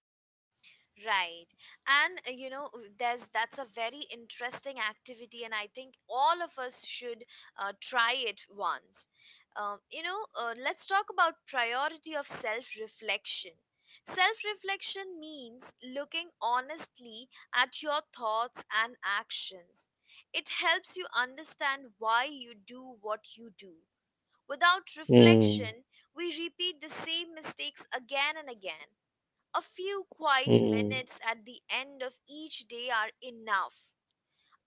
Speaker 1: Right. And you know, there's, that's a very interesting activity, and I think all of us should try it once. You know, let's talk about priority of self-reflection. Self-reflection means looking honestly at your thoughts and actions. It helps you understand why you do what you do. Without
Speaker 2: Hmm.
Speaker 1: reflection, we repeat the same mistakes again and again. A few quiet
Speaker 2: Hmm.
Speaker 1: minutes at the end of each day are enough.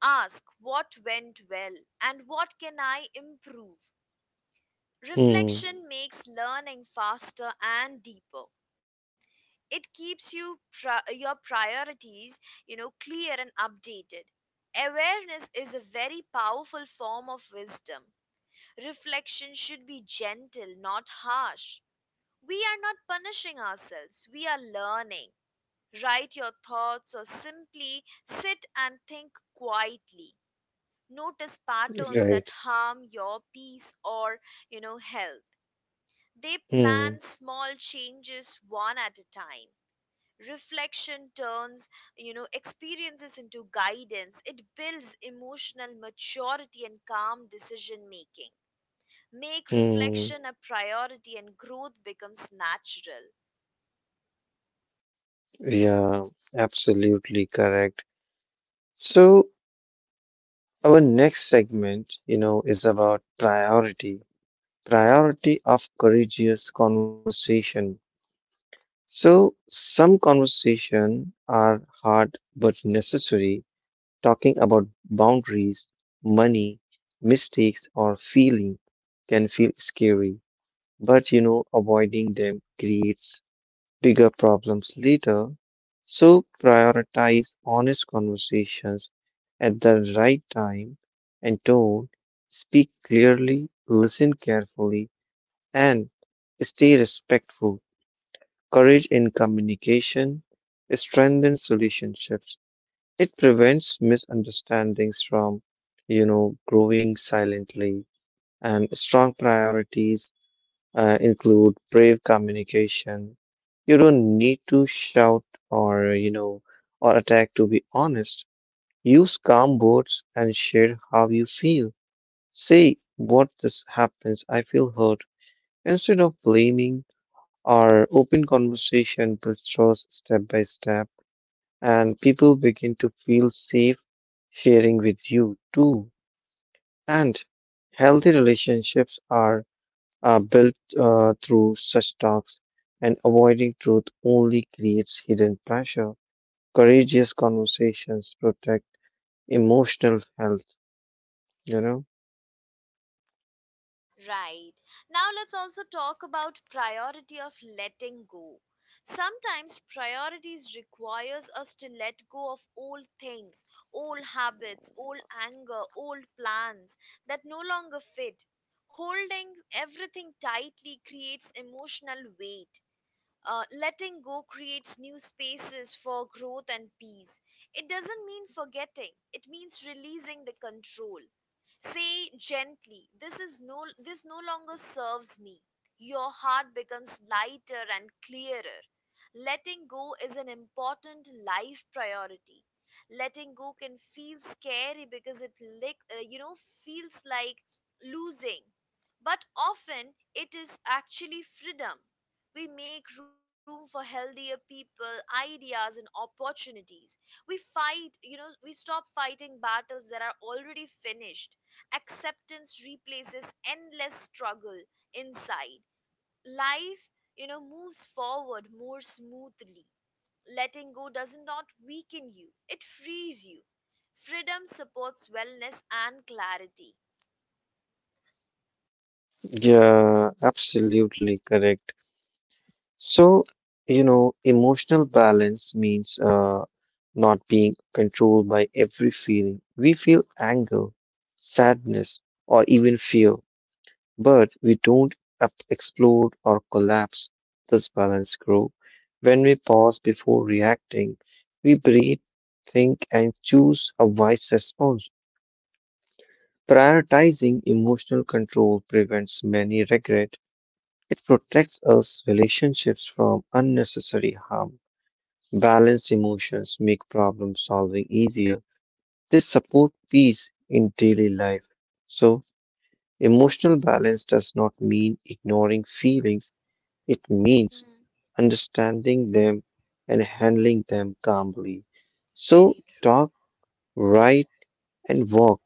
Speaker 1: Ask what went well and what can I improve.
Speaker 2: Hmm.
Speaker 1: Reflection makes learning faster and deeper. It keeps you your priorities, clear and updated. Awareness is a very powerful form of wisdom. Reflection should be gentle, not harsh. We are not punishing ourselves, we are learning. Write your thoughts or simply sit and think quietly. Notice patterns that
Speaker 2: Right.
Speaker 1: harm your peace or health. They plan
Speaker 2: Hmm,
Speaker 1: small changes one at a time. Reflection turns experiences into guidance. It builds emotional maturity and calm decision making. Make
Speaker 2: hmm.
Speaker 1: reflection a priority and growth becomes natural.
Speaker 2: Yeah, absolutely correct. So our next segment, is about priority of courageous conversation. So some conversation are hard but necessary, talking about boundaries, money, mistakes, or feeling can feel scary, but avoiding them creates bigger problems later. So prioritize honest conversations at the right time and tone. Speak clearly, listen carefully, and stay respectful. Courage in communication strengthens relationships. It prevents misunderstandings from, growing silently and strong priorities include brave communication. You don't need to shout or, or attack to be honest. Use calm words and share how you feel. Say what this happens, I feel hurt. Instead of blaming or open conversation builds trust step by step and people begin to feel safe sharing with you too. And healthy relationships are built through such talks, and avoiding truth only creates hidden pressure. Courageous conversations protect emotional health, you know?
Speaker 1: Right. Now let's also talk about priority of letting go. Sometimes priorities requires us to let go of old things, old habits, old anger, old plans that no longer fit. Holding everything tightly creates emotional weight. Letting go creates new spaces for growth and peace. It doesn't mean forgetting, it means releasing the control. Say gently, this no longer serves me. Your heart becomes lighter and clearer. Letting go is an important life priority. Letting go can feel scary because it lick, you know feels like losing, but often it is actually freedom. We make room for healthier people, ideas, and opportunities. We stop fighting battles that are already finished. Acceptance replaces endless struggle inside. Life moves forward more smoothly. Letting go does not weaken you, it frees you. Freedom supports wellness and clarity.
Speaker 2: Yeah, absolutely correct. So, emotional balance means not being controlled by every feeling. We feel anger, sadness, or even fear but we don't explode or collapse this balance grow. When we pause before reacting, we breathe, think, and choose a wise response. Prioritizing emotional control prevents many regret. It protects us relationships from unnecessary harm. Balanced emotions make problem solving easier. They support peace in daily life. So, emotional balance does not mean ignoring feelings. It
Speaker 1: Hmm.
Speaker 2: means understanding them and handling them calmly. So
Speaker 1: Very true.
Speaker 2: talk, write, and walk,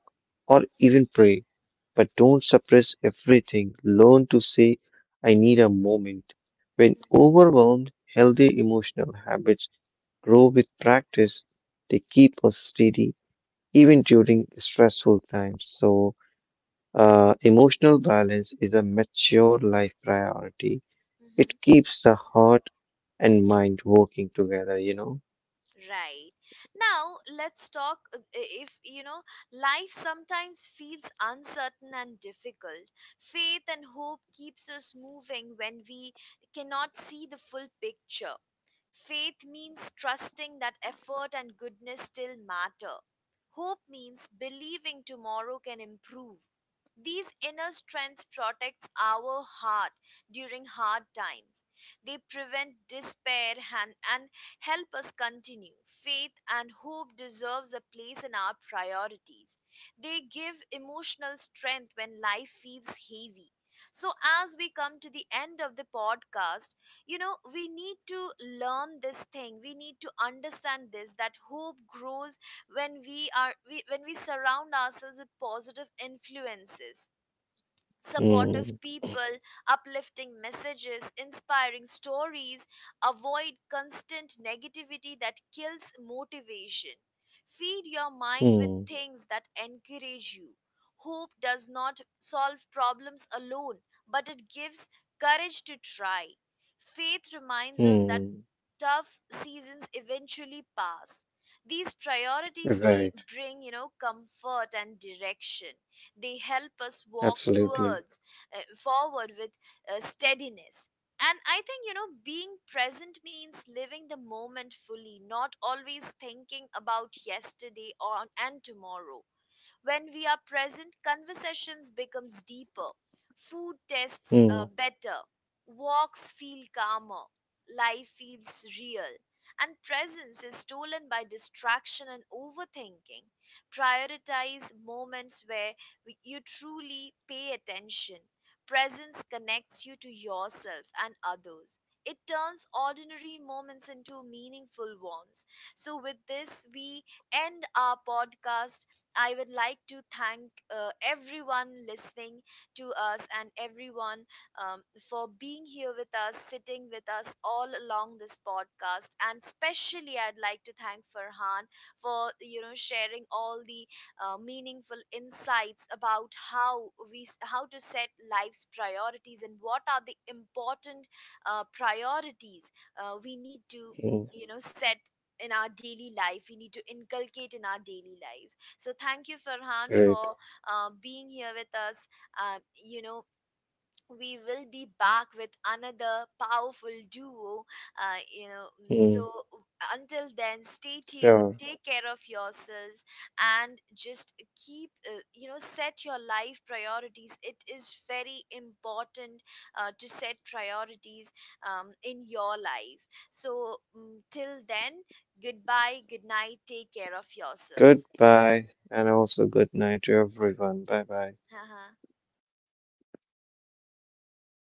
Speaker 2: or even pray, but don't suppress everything. Learn to say, I need a moment. When
Speaker 1: Mhm,
Speaker 2: overwhelmed, healthy emotional habits grow with practice. They keep us steady even during stressful times. So, emotional balance is a mature life priority. It
Speaker 1: mhm.
Speaker 2: keeps the heart and mind working together,
Speaker 1: Right. Now, let's talk if you know life sometimes feels uncertain and difficult. Faith and hope keeps us moving when we cannot see the full picture. Faith means trusting that effort and goodness still matter. Hope means believing tomorrow can improve. These inner strengths protects our heart during hard times. They prevent despair and help us continue. Faith and hope deserves a place in our priorities. They give emotional strength when life feels heavy. So as we come to the end of the podcast, we need to learn this thing. We need to understand this that hope grows when we surround ourselves with positive influences,
Speaker 2: Hmm,
Speaker 1: supportive people, uplifting messages, inspiring stories, avoid constant negativity that kills motivation. Feed your mind with
Speaker 2: hmm,
Speaker 1: things that encourage you. Hope does not solve problems alone, but it gives courage to try. Faith reminds us that
Speaker 2: hmm.
Speaker 1: tough seasons eventually pass. These priorities be,
Speaker 2: Right,
Speaker 1: bring, you know, comfort and direction. They help us walk
Speaker 2: absolutely.
Speaker 1: towards forward with steadiness. And I think, being present means living the moment fully, not always thinking about yesterday or and tomorrow. When we are present, conversations becomes deeper, food tastes
Speaker 2: Hmm,
Speaker 1: better, walks feel calmer, life feels real, and presence is stolen by distraction and overthinking. Prioritize moments where you truly pay attention. Presence connects you to yourself and others. It turns ordinary moments into meaningful ones. So, with this, we end our podcast. I would like to thank everyone listening to us and everyone um, for being here with us, sitting with us all along this podcast. And especially, I'd like to thank Farhan for sharing all the meaningful insights about how we how to set life's priorities and what are the important priorities we need to
Speaker 2: hmm,
Speaker 1: set in our daily life, we need to inculcate in our daily lives. So thank you, Farhan,
Speaker 2: great.
Speaker 1: for being here with us. Uh, you know, we will be back with another powerful duo.
Speaker 2: Hmm,
Speaker 1: So until then, stay tuned,
Speaker 2: sure.
Speaker 1: take care of yourselves, and just keep, set your life priorities. It is very important to set priorities in your life. So till then, goodbye, good night, take care of yourselves.
Speaker 2: Goodbye, and also good night to everyone. Bye bye.